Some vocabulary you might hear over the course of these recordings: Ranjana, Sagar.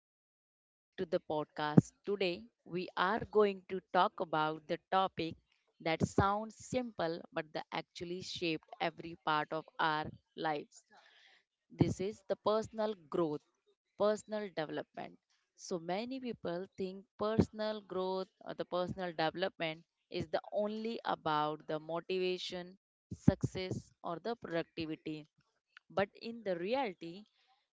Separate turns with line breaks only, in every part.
Welcome back to the podcast. Today, we are going to talk about the topic that sounds simple but that actually shaped every part of our lives. This is the personal growth, personal development. So, many people think personal growth or the personal development is the only about the motivation, success, or the productivity but in the reality,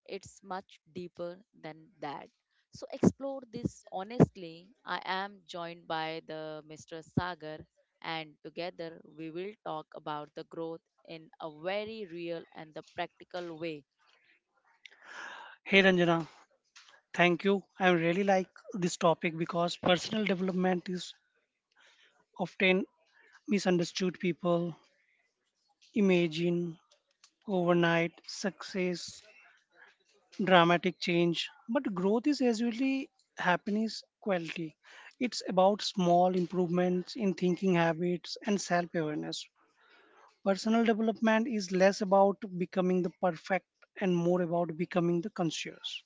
it's much deeper than that. So explore this honestly. I am joined by the Mr. Sagar and together we will talk about the growth in a very real and the practical way.
Hey Ranjana, thank you. I really like this topic because personal development is often misunderstood. People imagine overnight success, dramatic change, but growth is usually happiness quality. It's about small improvements in thinking habits and self awareness. Personal development is less about becoming the perfect and more about becoming the conscious.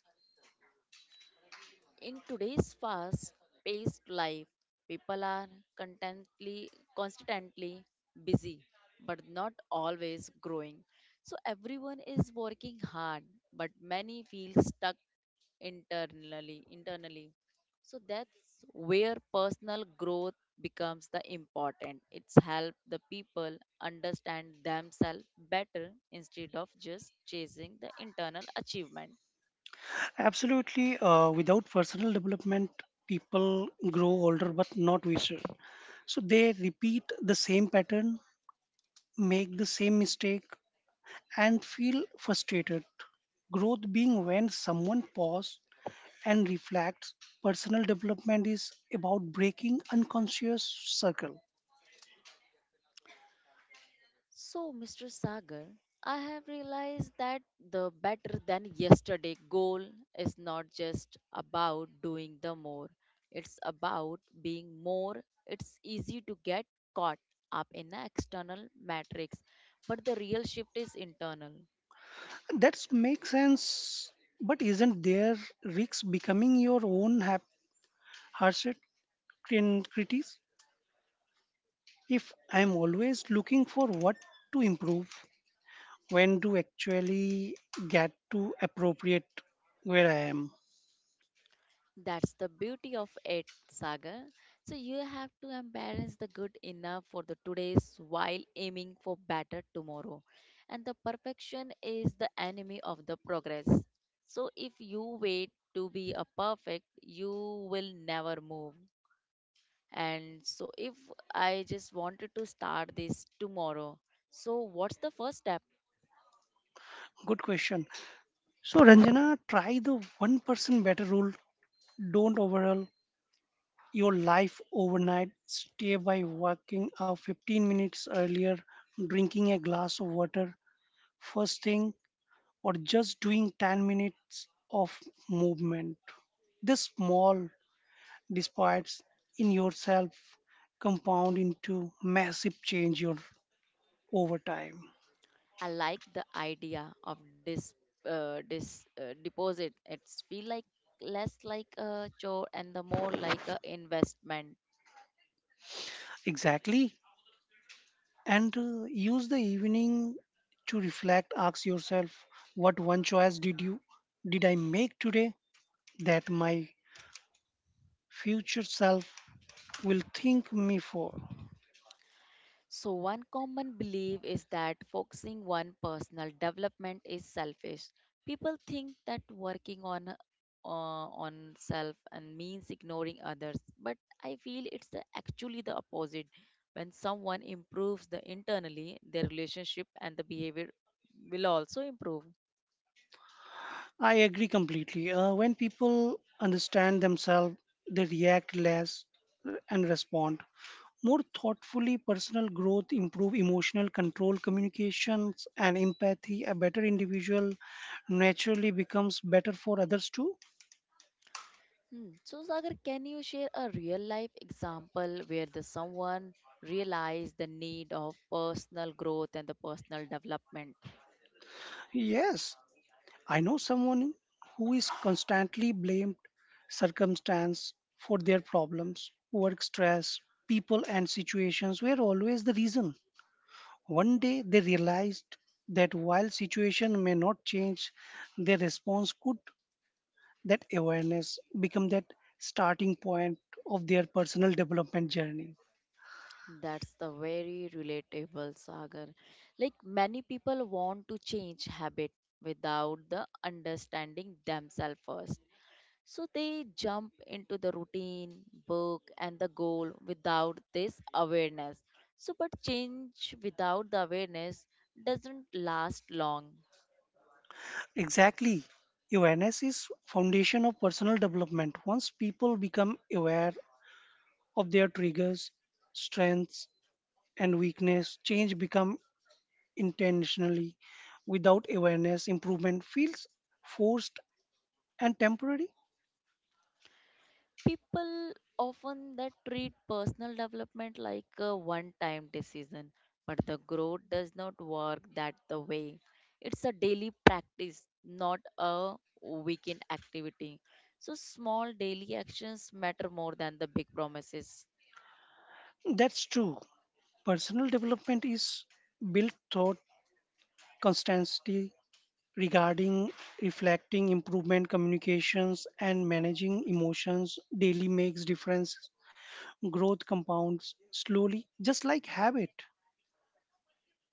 In today's fast paced life, people are contently, constantly busy but not always growing. So everyone is working hard, but many feel stuck internally, so that's where personal growth becomes the important. It's help the people understand themselves better instead of just chasing the internal achievement.
Absolutely. Without personal development, people grow older but not wiser. So they repeat the same pattern, make the same mistake, and feel frustrated. Growth being when someone pauses and reflects, personal development is about breaking unconscious circle.
So, Mr. Sagar, I have realized that the better than yesterday goal is not just about doing the more, it's about being more. It's easy to get caught up in the external matrix, but the real shift is internal.
That makes sense, but isn't there risks becoming your own harshest critics? If I'm always looking for what to improve, when to actually get to appropriate where I am.
That's the beauty of it, Sagar. So you have to embrace the good enough for the today's while aiming for better tomorrow. And the perfection is the enemy of the progress. So if you wait to be a perfect, you will never move. And so if I just wanted to start this tomorrow, so what's the first step?
Good question. So Ranjana, try the one person better rule. Don't overhaul your life overnight. Stay by working out 15 minutes earlier, drinking a glass of water first thing, or just doing 10 minutes of movement. This small despite in yourself compound into massive change your over time
I like the idea of dis, dis deposit. It's feel like less like a chore and the more like a investment.
exactly and use the evening to reflect ask yourself what one choice did you did I make today that my future self will thank me for
So one common belief is that focusing on personal development is selfish. People think that working on self and means ignoring others, but I feel actually the opposite. When someone improves the internally, their relationship and the behavior will also improve.
I agree completely when people understand themselves they react less and respond more thoughtfully. Personal growth improve emotional control, communications, and empathy. A better individual naturally becomes better for others too.
Hmm. So, Sagar, can you share a real life example where the someone realized the need of personal growth and the personal development?
Yes, I know someone who is constantly blamed circumstance for their problems, work stress, people and situations were always the reason. One day they realized that while situation may not change, their response could that awareness become that starting point of their personal development journey
That's the very relatable, Sagar. Like many people want to change habit without the understanding themselves first. So they jump into the routine, book, and the goal without this awareness. So, but change without the awareness doesn't last long.
exactly awareness is foundation of personal development once people become aware of their triggers strengths and weakness change become intentionally without awareness improvement feels forced and temporary.
People often that treat personal development like a one time decision, but the growth does not work that the way. It's a daily practice, not a weekend activity. So small daily actions matter more than the big promises.
That's true. Personal development is built through constancy regarding reflecting improvement communications and managing emotions daily makes difference growth compounds slowly just like habit.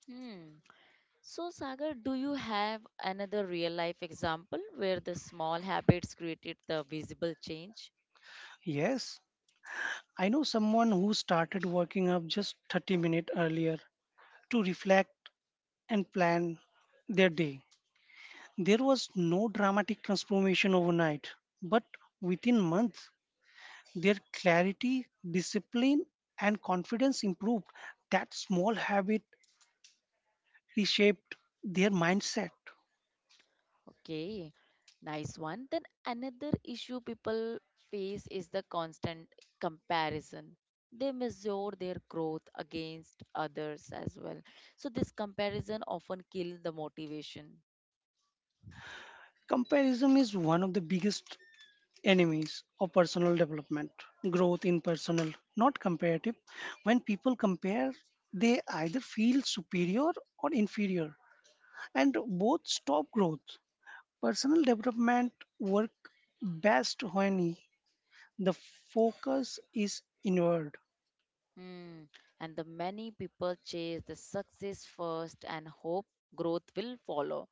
Hmm. So Sagar, do you have another real life example where the small habits created the visible change?
Yes, I know someone who started working up just 30 minutes earlier to reflect and plan their day. There was no dramatic transformation overnight, but within months their clarity discipline and confidence improved. That small habit reshaped their mindset.
Okay, nice one. Then another issue people face is the constant comparison. They measure their growth against others as well. So this comparison often kills the motivation.
Comparison is one of the biggest enemies of personal development. Growth in personal, not comparative. When people compare, they either feel superior or inferior, and both stop growth. Personal development work best when the focus is inward.
Hmm. And the many people chase the success first and hope growth will follow.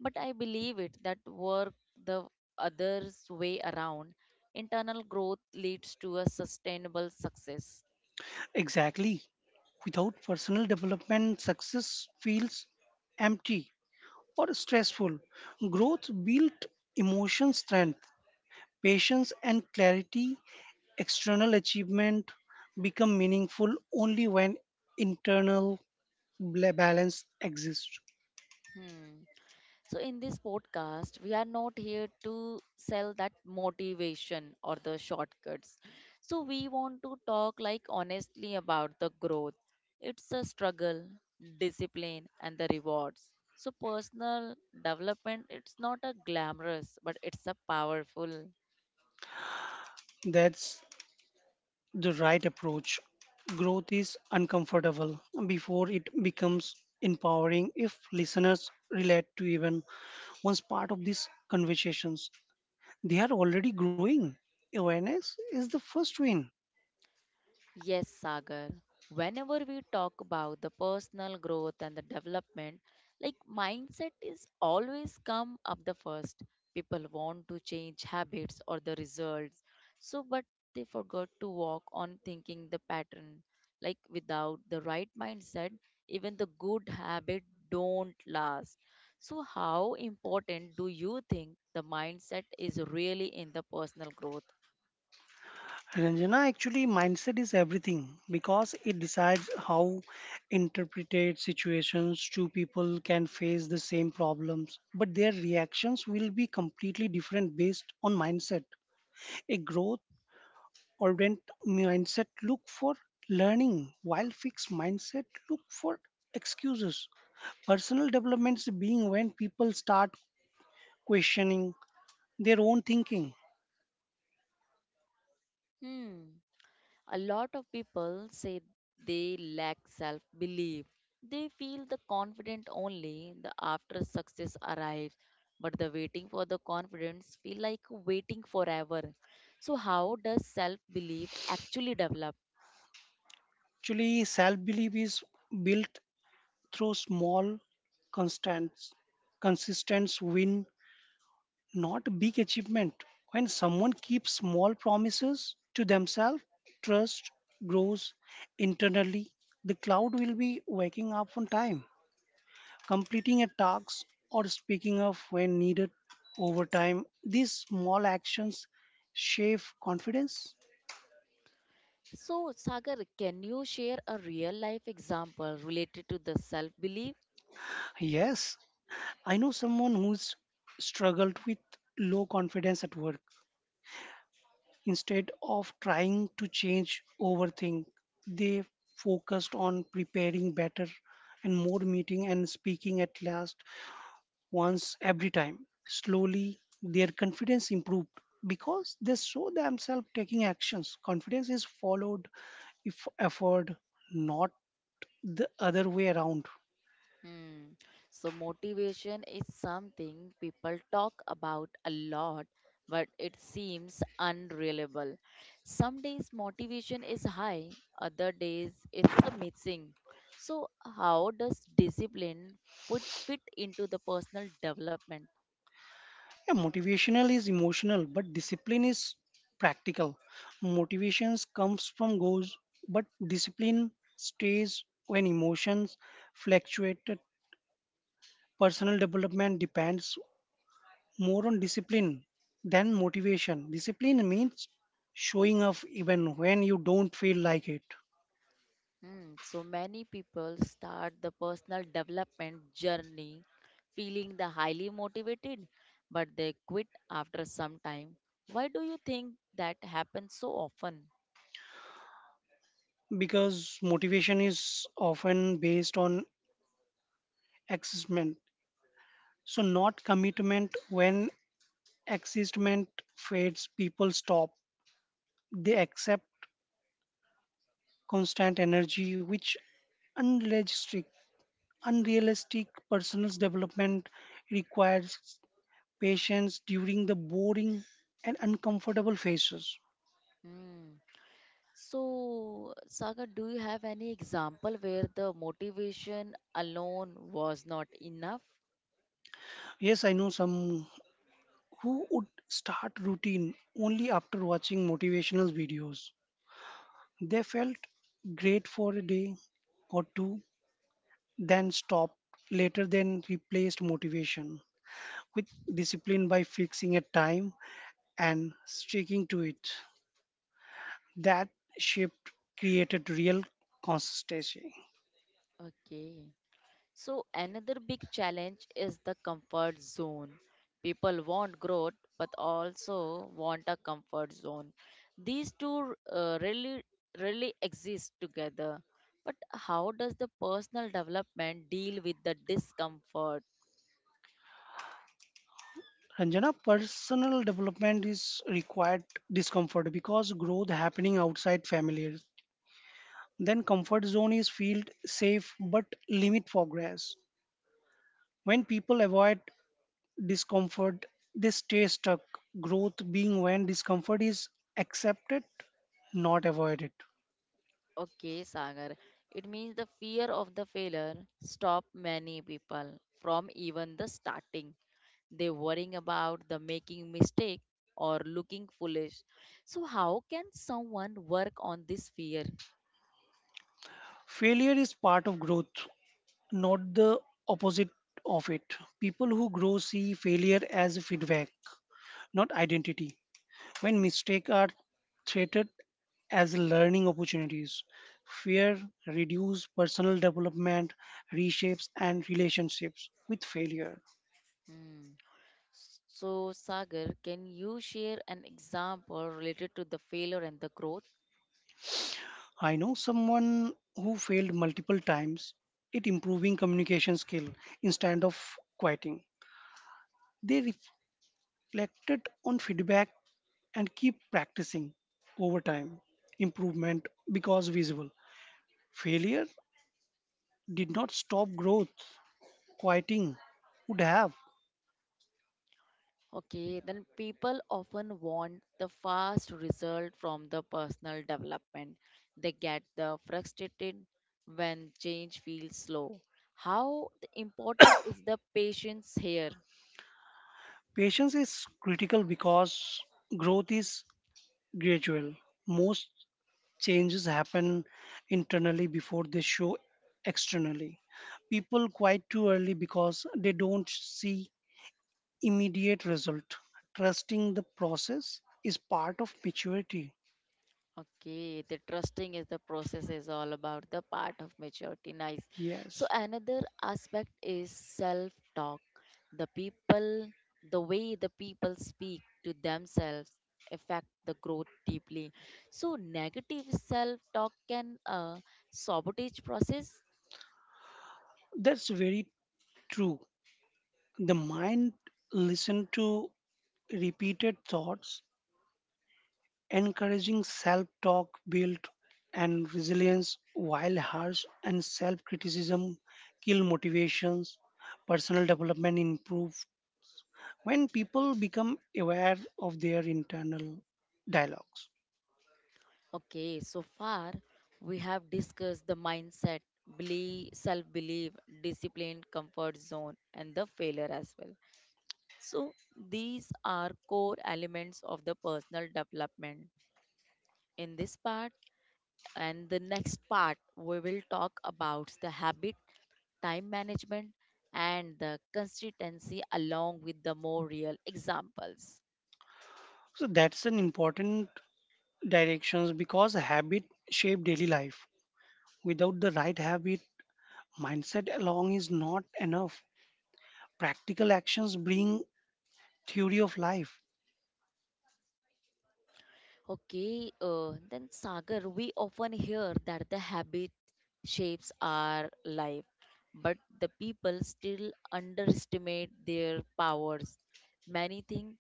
But I believe it that work the others way around. Internal growth leads to a sustainable success.
Exactly. Without personal development, success feels empty or stressful. Growth built emotion strength, patience, and clarity. External achievement become meaningful only when internal balance exists.
Hmm. So, in this podcast, we are not here to sell that motivation or the shortcuts. So, we want to talk like honestly about the growth. It's a struggle, discipline, and the rewards. So, personal development, it's not a glamorous, but it's a powerful.
That's the right approach. Growth is uncomfortable before it becomes empowering if listeners relate to even once part of these conversations. They are already growing. Awareness is the first win.
Yes, Sagar. Whenever we talk about the personal growth and the development, like mindset is always come up the first. People want to change habits or the results. So, but they forgot to walk on thinking the pattern. Like without the right mindset, even the good habit don't last. So, how important do you think the mindset is really in the personal growth?
Ranjana, actually, mindset is everything because it decides how interpreted situations two people can face the same problems, but their reactions will be completely different based on mindset. A growth oriented mindset look for learning, while fixed mindset look for excuses. Personal developments being when people start questioning their own thinking.
Hmm. A lot of people say they lack self belief. They feel the confident only the after success arrives, but the waiting for the confidence feel like waiting forever. So how does self belief actually develop?
Actually, self belief is built through small, constant, consistent win, not big achievement. When someone keeps small promises to themselves, trust grows internally. The cloud will be waking up on time, completing a task, or speaking up when needed over time. These small actions shape confidence.
So Sagar, can you share a real life example related to the self belief?
Yes, I know someone who's struggled with low confidence at work. Instead of trying to change overthink, they focused on preparing better and more meeting and speaking at last once every time. Slowly, their confidence improved because they saw themselves taking actions. Confidence is followed if effort, not the other way around.
Hmm. So, motivation is something people talk about a lot, but it seems unreliable. Some days motivation is high, other days it's a missing. So, how does discipline fit into the personal development?
Yeah, motivational is emotional, but discipline is practical. Motivations comes from goals, but discipline stays when emotions fluctuate. Personal development depends more on discipline than motivation. Discipline means showing up even when you don't feel like it
Mm, so many people start the personal development journey feeling the highly motivated, but they quit after some time. Why do you think that happens so often?
because motivation is often based on excitement so not commitment when excitement fades people stop. They accept constant energy, which unrealistic, unrealistic. Personal development requires patience during the boring and uncomfortable phases.
Mm. So, Sagar, do you have any example where the motivation alone was not enough?
Yes, I know some who would start routine only after watching motivational videos. They felt great for a day or two, then stopped, later then replaced motivation with discipline by fixing a time and sticking to it. That shift created real consistency.
Okay. So, another big challenge is the comfort zone. People want growth but also want a comfort zone. These two really exist together. But how does the personal development deal with the discomfort?
Ranjana, personal development is required discomfort because growth happening outside familiar. Then comfort zone is feel safe but limit progress. When people avoid discomfort, they stay stuck. Growth being when discomfort is accepted, not avoided.
Okay, Sagar, it means the fear of the failure stop many people from even the starting. They worrying about the making mistake or looking foolish. So how can someone work on this fear?
Failure is part of growth, not the opposite of it. People who grow see failure as feedback, not identity. When mistakes are treated as learning opportunities, fear reduces personal development, reshapes and relationships with failure.
Hmm. So Sagar, can you share an example related to the failure and the growth?
I know someone who failed multiple times, it improving communication skill instead of quieting. They reflected on feedback and keep practicing over time. Improvement because visible. Failure did not stop growth. Quieting would have.
Okay, then people often want the fast result from the personal development. They get the frustrated when change feels slow. How the important is the patience here?
Patience is critical because growth is gradual. Most changes happen internally before they show externally. People quite too early because they don't see immediate result. Trusting the process is part of maturity.
Okay, the trusting is the process is all about the part of maturity. Nice. So
Yes,
another aspect is self-talk. The people, the way the people speak to themselves affect the growth deeply. So negative self-talk can sabotage process.
that's very true. The mind listens to repeated thoughts, encouraging self talk build and resilience, while harsh and self criticism kill motivations. Personal development improves when people become aware of their internal dialogues.
Okay, so far we have discussed the mindset, belief, self-belief, discipline, comfort zone, and the failure as well. So, these are core elements of the personal development in this part. And the next part, we will talk about the habit, time management, and the consistency along with the more real examples.
So that's an important directions because habit shape daily life. Without the right habit, mindset alone is not enough. Practical actions bring theory of life.
Okay, then Sagar, we often hear that the habit shapes our life, but the people still underestimate their powers. Many think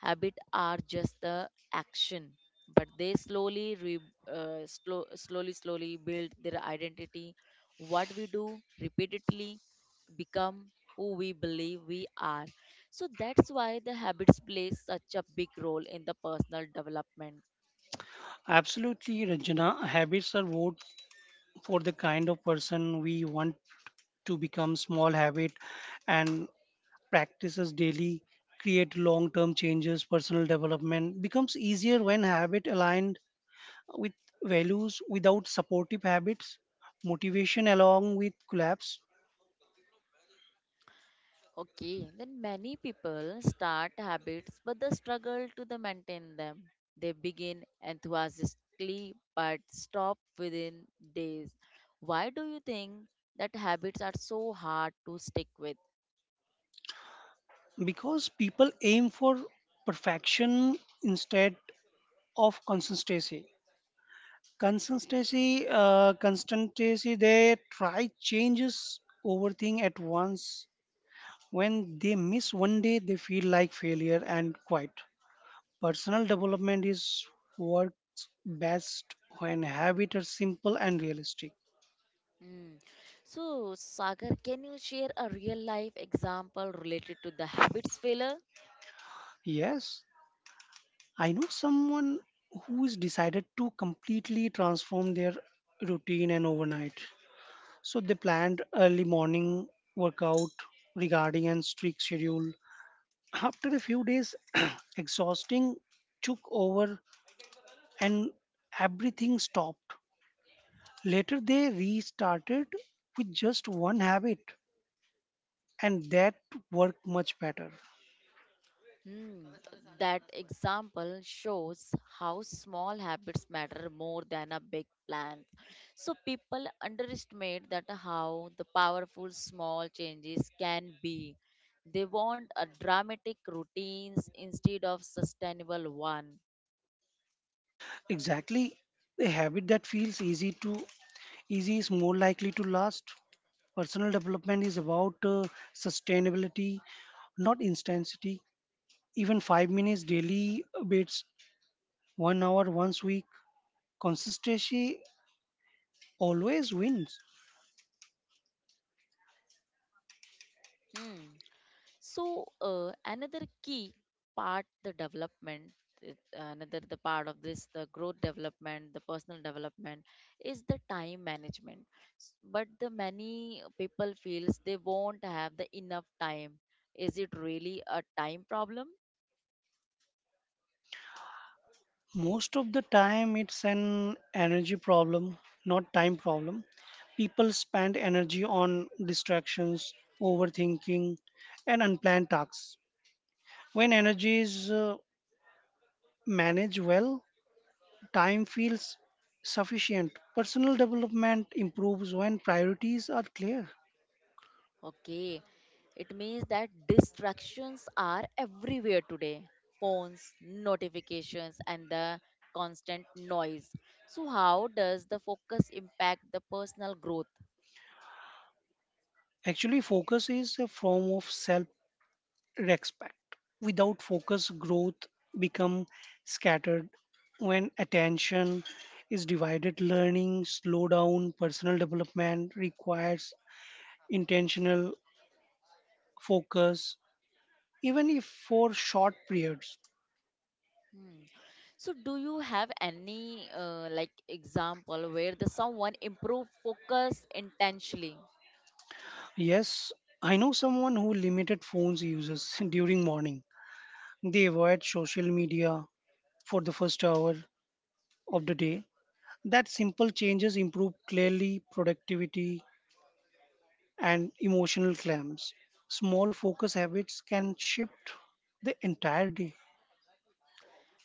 habit are just the action, but they slowly, re, slow, slowly, slowly build their identity. What we do repeatedly become who we believe we are. So that's why the habits play such a big role in the personal development.
Absolutely, Ranjana. Habits are vote for the kind of person we want to become. Small habit and practices daily create long-term changes. Personal development becomes easier when habit aligned with values. Without supportive habits, motivation along with collapse.
Okay, then many people start habits but they struggle to the maintain them. They begin enthusiastically but stop within days. Why do you think that habits are so hard to stick with?
Because people aim for perfection instead of consistency. Consistency, consistency, they try changes over thing at once. When they miss one day, they feel like failure and quit. Personal development is works best when habits are simple and realistic.
Hmm. So, Sagar, can you share a real life example related to the habits failure?
Yes, I know someone who is decided to completely transform their routine and overnight. So they planned early morning workout regarding and strict schedule. After a few days, exhausting took over and everything stopped. Later, they restarted with just one habit, and that worked much better.
Hmm, that example shows how small habits matter more than a big plan. So people underestimate that how the powerful small changes can be. They want a dramatic routines instead of sustainable one.
Exactly, a habit that feels easy to easy is more likely to last. Personal development is about sustainability, not intensity. Even five minutes daily bits, one hour once week, consistency always wins.
Hmm. So another key part the development another the part of this the growth development the personal development is the time management. But the many people feels they won't have the enough time. Is it really a time problem?
Most of the time, it's an energy problem, not time problem. People spend energy on distractions, overthinking, and unplanned tasks. When energy is managed well, time feels sufficient. Personal development improves when priorities are clear.
Okay, it means that distractions are everywhere today, phones notifications and the constant noise. So how does the focus impact the personal growth?
Actually, focus is a form of self respect. Without focus, growth become scattered. When attention is divided, learning slow down. Personal development requires intentional focus, even if for short periods.
Hmm. So, do you have any like example where the someone improve focus intentionally?
Yes, I know someone who limited phones uses during morning. They avoid social media for the first hour of the day. That simple changes improve clearly productivity and emotional claims. Small focus habits can shift the entire day.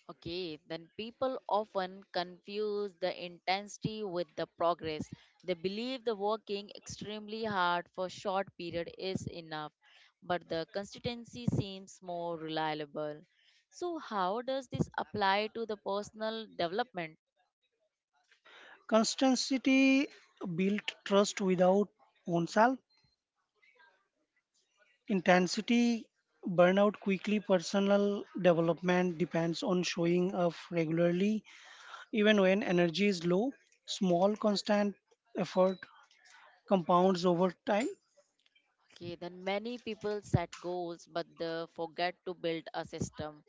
Okay, then people often confuse the intensity with the progress. They believe the working extremely hard for short period is enough, but the consistency seems more reliable. So, how does this apply to the personal development?
Constancy built trust without oneself. Intensity burnout quickly. Personal development depends on showing up regularly, even when energy is low. Small constant effort compounds over time.
Okay, then many people set goals but they forget to build a system.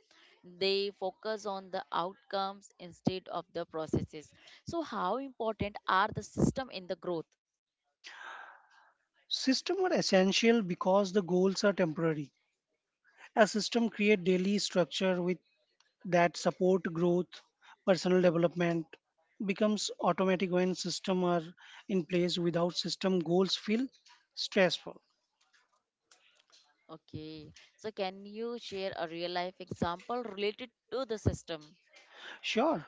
They focus on the outcomes instead of the processes. So, how important are the system in the growth?
Systems are essential because the goals are temporary. A system creates daily structure with that support growth, personal development becomes automatic when systems are in place. Without system, goals feel stressful.
Okay, so can you share a real life example related to the system?
Sure,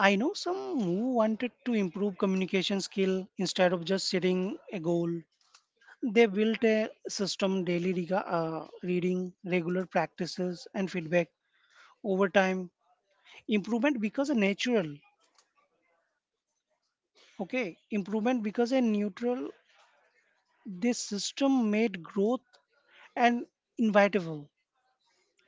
I know some who wanted to improve communication skill instead of just setting a goal. They built a system daily reading, regular practices, and feedback over time. Improvement becomes a natural. Okay, improvement becomes a neutral. This system made growth and inevitable.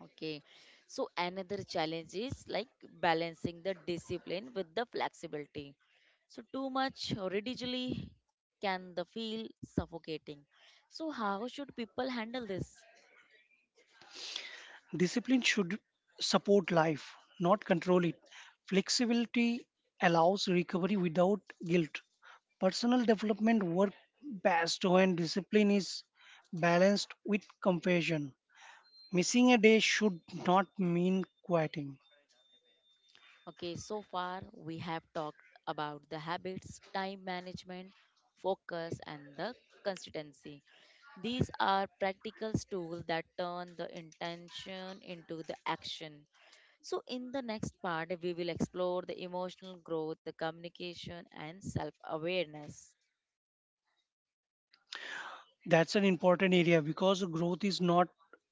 Okay. So another challenge is like balancing the discipline with the flexibility. So too much rigidly can the feel suffocating. So how should people handle this?
Discipline should support life, not control it. Flexibility allows recovery without guilt. Personal development works best when discipline is balanced with compassion. Missing a day should not mean quitting.
Okay, so far we have talked about the habits, time management, focus and the consistency. These are practical tools that turn the intention into the action. So, in the next part, we will explore the emotional growth, the communication, and self awareness.
That's an important area because growth is not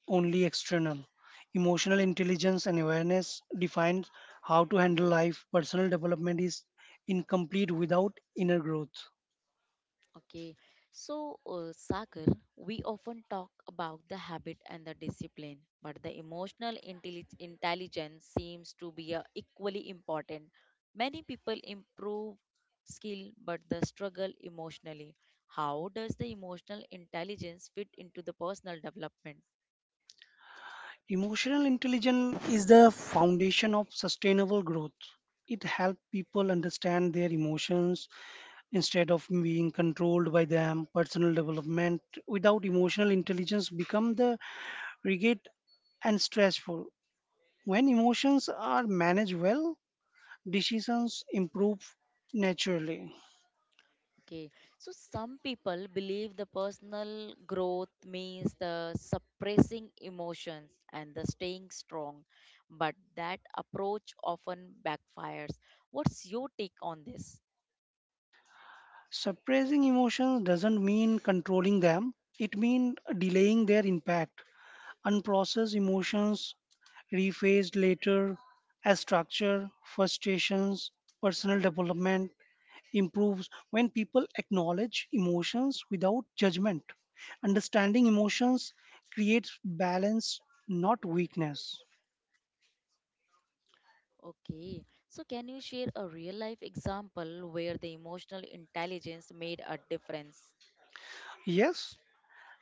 only external. Emotional intelligence and awareness defines how to handle life. Personal development is incomplete without inner growth.
Okay, so Sagar, we often talk about the habit and the discipline, but the emotional intelligence seems to be equally important. Many people improve skill but the struggle emotionally. How does the emotional intelligence fit into the personal development?
Emotional intelligence is the foundation of sustainable growth. It helps people understand their emotions instead of being controlled by them. Personal development without emotional intelligence become the rigid and stressful. When emotions are managed well, decisions improve naturally.
Okay, so some people believe the personal growth means the suppressing emotions and the staying strong, but that approach often backfires. What's your take on this?
Suppressing emotions doesn't mean controlling them, it means delaying their impact. Unprocessed emotions rephased later as structure, frustrations, personal development improves when people acknowledge emotions without judgment. Understanding emotions creates balance, not weakness.
Okay, so can you share a real life example where the emotional intelligence made a difference?
Yes,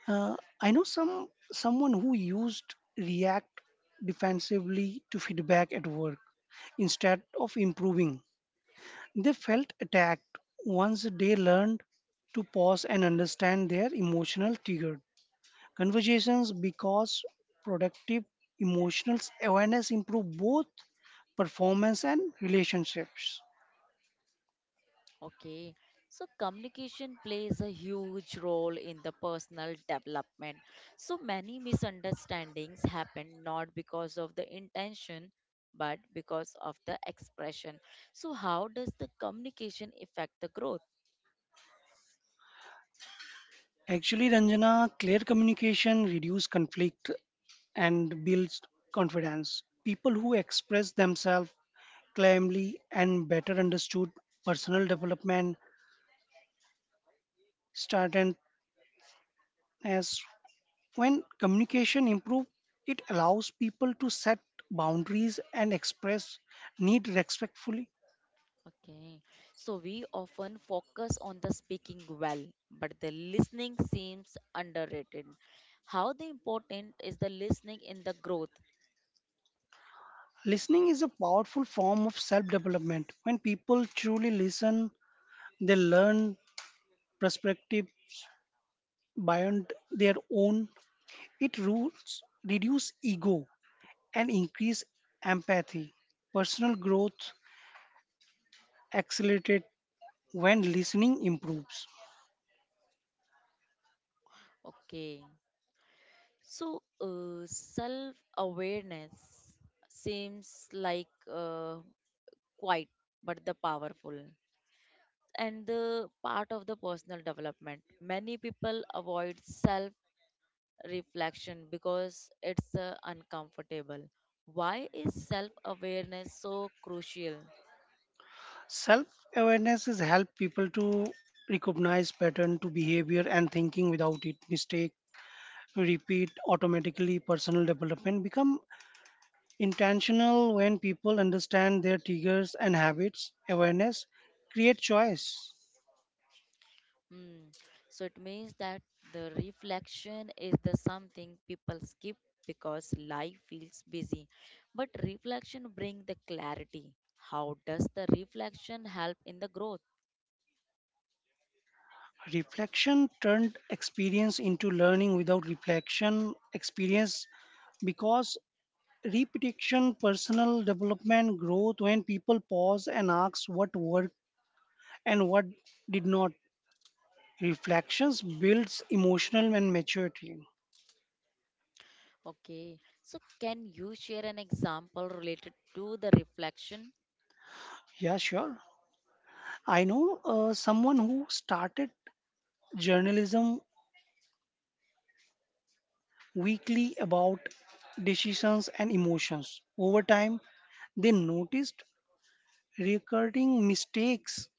I know someone who used React defensively to feedback at work instead of improving. They felt attacked once they learned to pause and understand their emotional triggered conversations because productive emotional awareness improve both performance and relationships.
Okay, so communication plays a huge role in the personal development. So many misunderstandings happen not because of the intention but because of the expression. So, how does the communication affect the growth?
Actually, Ranjana, clear communication reduces conflict and builds confidence. People who express themselves clamly and better understood personal development started as when communication improves, it allows people to set boundaries and express need respectfully.
Okay, so we often focus on the speaking well, but the listening seems underrated. How the important is the listening in the growth?
Listening is a powerful form of self development. When people truly listen, they learn perspective beyond their own. It rules reduce ego and increase empathy. Personal growth accelerated when listening improves.
Okay. So, self awareness seems like quite but the powerful and the part of the personal development. Many people avoid self reflection because it's uncomfortable. Why is self awareness so crucial?
Self awareness is help people to recognize pattern to behavior and thinking. Without it, mistake repeat automatically. Personal development become intentional when people understand their triggers and habits. Awareness create choice.
Mm. So it means that the reflection is the something people skip because life feels busy. But reflection bring the clarity. How does the reflection help in the growth?
Reflection turned experience into learning. Without reflection, experience because repetition. Personal development growth when people pause and ask what worked and what did not. Reflections builds emotional and maturity.
Okay. So can you share an example related to the reflection?
Yeah, sure. I know someone who started journalism weekly about decisions and emotions. Over time, they noticed recurring mistakes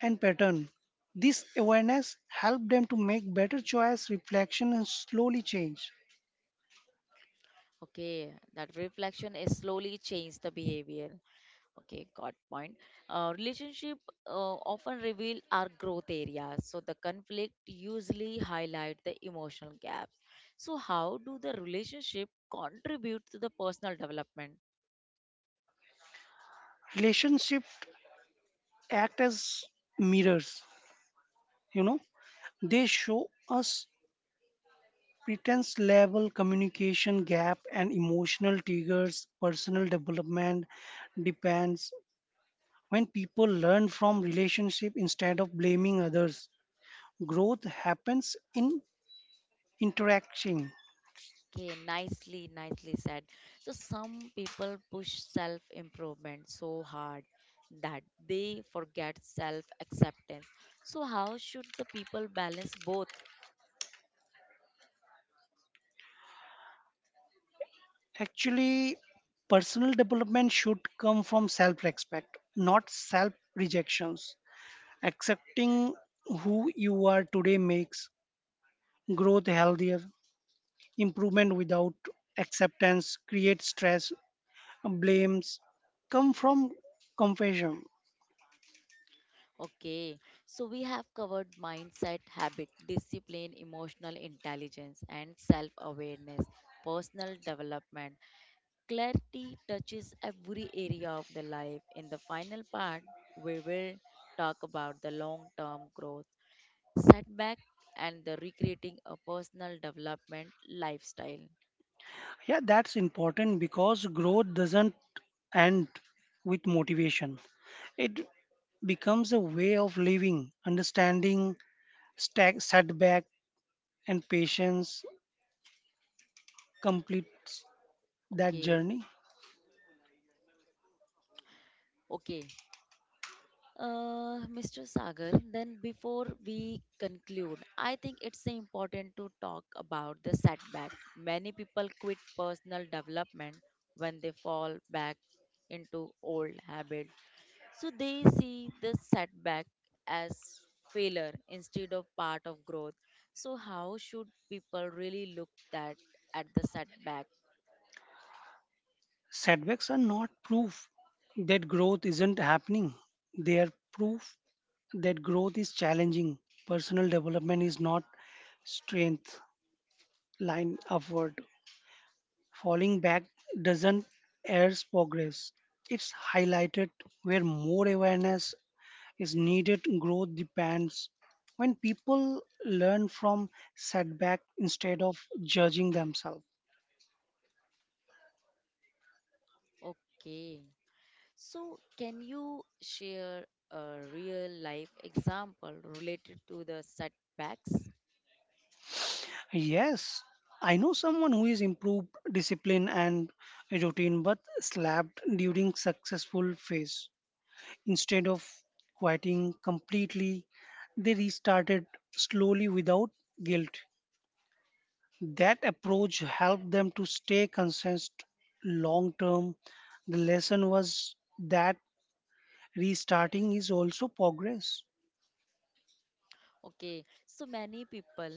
and pattern. This awareness helped them to make better choice, reflection, and slowly change.
Okay, that reflection is slowly change the behavior. Okay, got point. Relationship often reveal our growth areas. So the conflict usually highlight the emotional gaps. So how do the relationship contribute to the personal development?
Relationships act as mirrors. You know, they show us pretense level, communication gap, and emotional triggers. Personal development depends when people learn from relationship instead of blaming others. Growth happens in interaction.
Okay, nicely said. So some people push self improvement so hard that they forget self acceptance. So how should the people balance both?
Actually, personal development should come from self respect, not self rejections. Accepting who you are today makes growth healthier. Improvement without acceptance creates stress. Blames come from confession.
Okay, so we have covered mindset, habit, discipline, emotional intelligence, and self awareness, personal development. Clarity touches every area of the life. In the final part, we will talk about the long term growth, setback, and the recreating a personal development lifestyle.
Yeah, that's important because growth doesn't end with motivation. It becomes a way of living. Understanding, stack, setback, and patience completes that
Okay,
journey.
okay. Mr. Sagar, then before we conclude, I think it's important to talk about the setback. Many people quit personal development when they fall back into old habits. So they see the setback as failure instead of part of growth. So how should people really look that at the setback?
Setbacks are not proof that growth isn't happening, they are proof that growth is challenging. Personal development is not strength line upward. Falling back doesn't airs progress. It's highlighted where more awareness is needed. Growth depends when people learn from setback instead of judging themselves.
Okay. So, can you share a real life example related to the setbacks?
Yes, I know someone who is improved discipline and routine but slapped during successful phase. Instead of quieting completely, they restarted slowly without guilt. That approach helped them to stay consistent long term. The lesson was that restarting is also progress.
Okay, so many people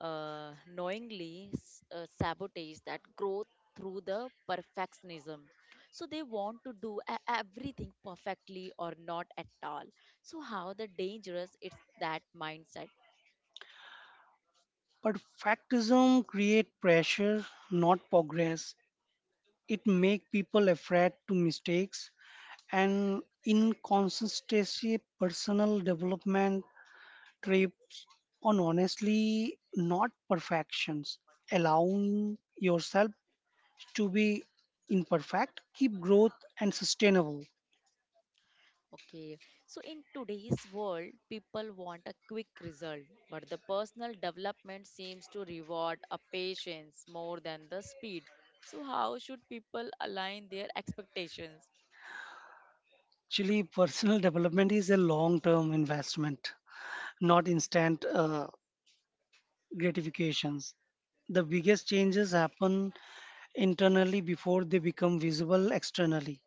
knowingly sabotage that growth through the perfectionism. So, they want to do everything perfectly or not at all. So, how the dangerous is that mindset?
But factism create pressure, not progress. It make people afraid to mistakes and inconsistency. Personal development trips on honestly, not perfections. Allowing yourself to be imperfect, keep growth and sustainable.
Okay, so in today's world, people want a quick result, but the personal development seems to reward a patience more than the speed. So, how should people align their expectations?
Actually, personal development is a long term investment, not instant gratifications. The biggest changes happen internally before they become visible externally.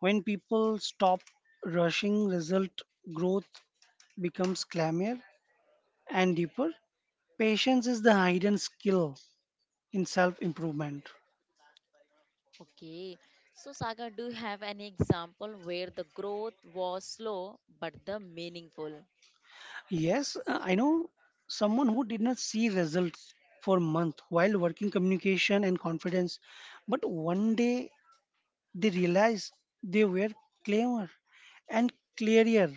When people stop rushing result, growth becomes calmer and deeper. Patience is the hidden skill in self improvement.
Okay, so Saga, do you have any example where the growth was slow but the meaningful?
Yes, I know someone who did not see results for months while working communication and confidence, but one day they realized they were clearer and clearer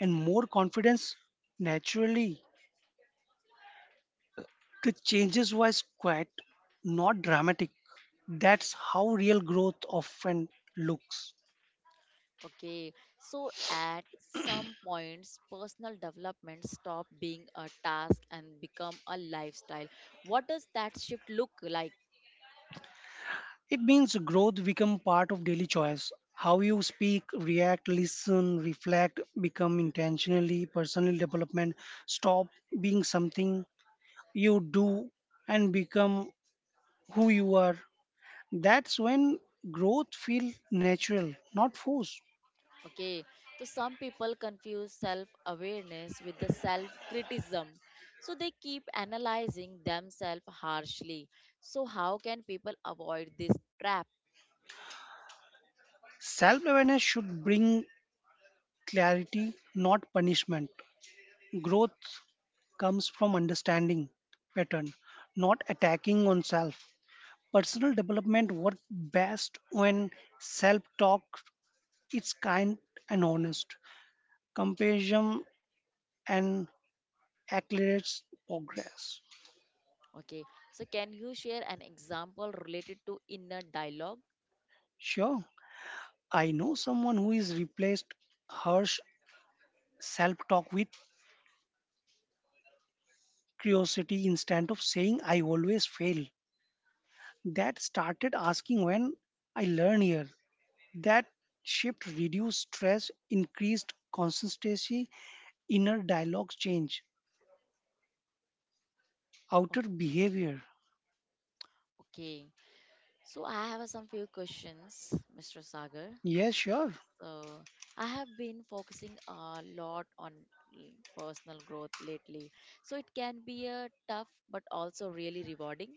and more confidence naturally. The changes was quiet, not dramatic. That's how real growth often looks.
Okay, so at some points, personal development stop being a task and become a lifestyle. What does that shift look like?
It means growth become part of daily choice. How you speak, react, listen, reflect, become intentionally personal development. Stop being something you do and become who you are. That's when growth feel natural, not forced.
Okay, so some people confuse self awareness with the self criticism. So they keep analyzing themselves harshly. So, how can people avoid this trap?
Self-awareness should bring clarity, not punishment. Growth comes from understanding pattern, not attacking oneself. Personal development works best when self talk is kind and honest. Compassion and accelerates progress.
Okay, so can you share an example related to inner dialogue?
Sure, I know someone who is replaced harsh self talk with curiosity. Instead of saying I always fail, that started asking when I learn here. That shift reduced stress, increased consistency. Inner dialogue change,
O-
outer behavior.
Okay, so I have some few questions, Mr. Sagar.
Yes, sure.
So, I have been focusing a lot on personal growth lately. So, it can be a tough but also really rewarding.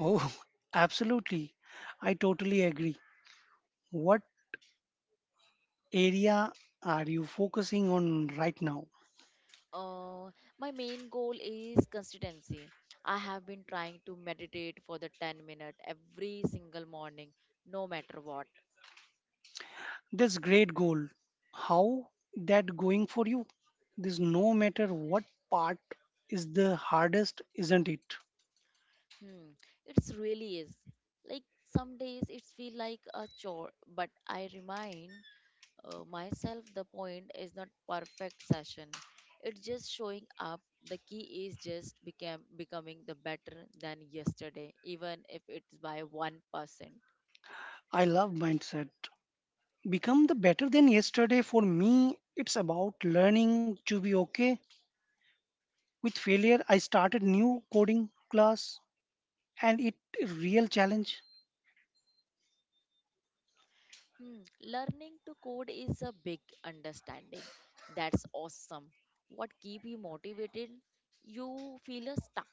Oh, absolutely. I totally agree. What area are you focusing on right now?
Uh, my main goal is consistency. I have been trying to meditate for the 10-minute every single morning, no matter what.
That's great goal. How that going for you? This no matter what part is the hardest, isn't it?
Hmm, it's really is. Like some days it feel like a chore, but I remind myself the point is not perfect session. It's just showing up. The key is just become becoming the better than yesterday, even if it's by 1%.
I love mindset. Become the better than yesterday for me. It's about learning to be okay with failure. I started new coding class and it a real challenge.
Hmm, learning to code is a big understanding. That's awesome. What keep you motivated? You feel stuck.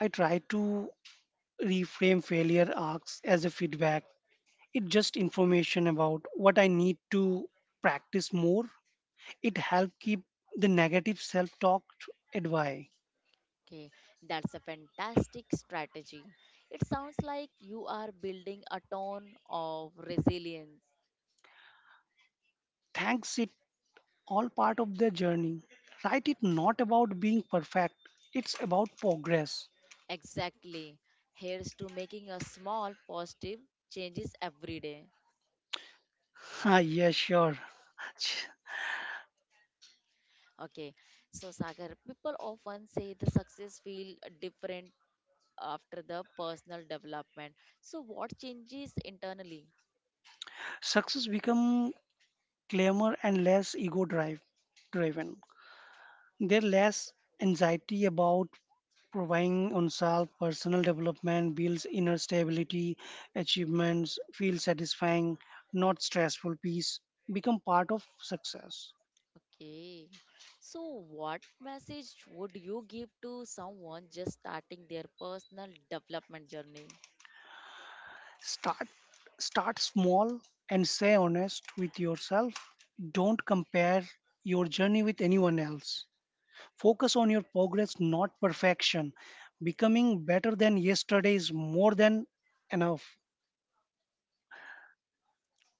I try to reframe failure arcs as a feedback. It just information about what I need to practice more. It help keep the negative self-talk at bay.
Okay, that's a fantastic strategy. It sounds like you are building a tone of resilience.
Thanks, it all part of the journey. Write it not about being perfect. It's about progress.
Exactly. Here's to making a small positive changes every day.
Ah, yeah, sure. Ch-
Okay, so Sagar, people often say the success feel different after the personal development. So, what changes internally?
Success become clamor and less ego driven. There less anxiety about providing oneself. Personal development builds inner stability. Achievements feel satisfying, not stressful. Peace become part of success.
Okay. So, what message would you give to someone just starting their personal development journey?
Start, small and stay honest with yourself. Don't compare your journey with anyone else. Focus on your progress, not perfection. Becoming better than yesterday is more than enough.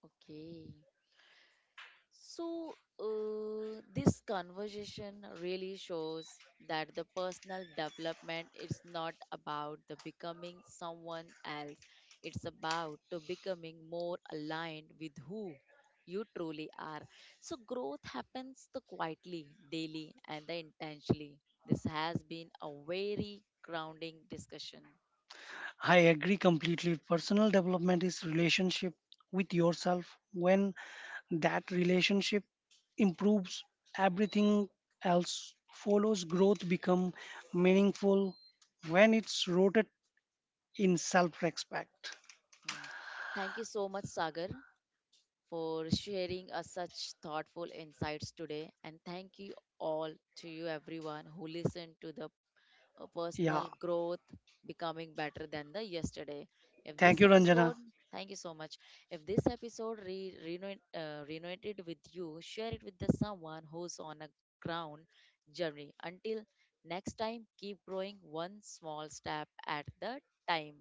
Okay. So, this conversation really shows that the personal development is not about the becoming someone else. It's about to becoming more aligned with who you truly are. So, growth happens the quietly, daily, and the intentionally. This has been a very grounding discussion.
I agree completely. Personal development is relationship with yourself. When that relationship improves, everything else follows. Growth become meaningful when it's rooted in self-respect.
Hmm. Thank you so much, Sagar, for sharing us such thoughtful insights today. And thank you all to you, everyone who listened to the
Yeah,
personal growth becoming better than the yesterday if
thank
this
you, Ranjana.
episode thank you so much if this episode resonated with you share it with the someone who's on a ground journey until next time keep growing one small step at the time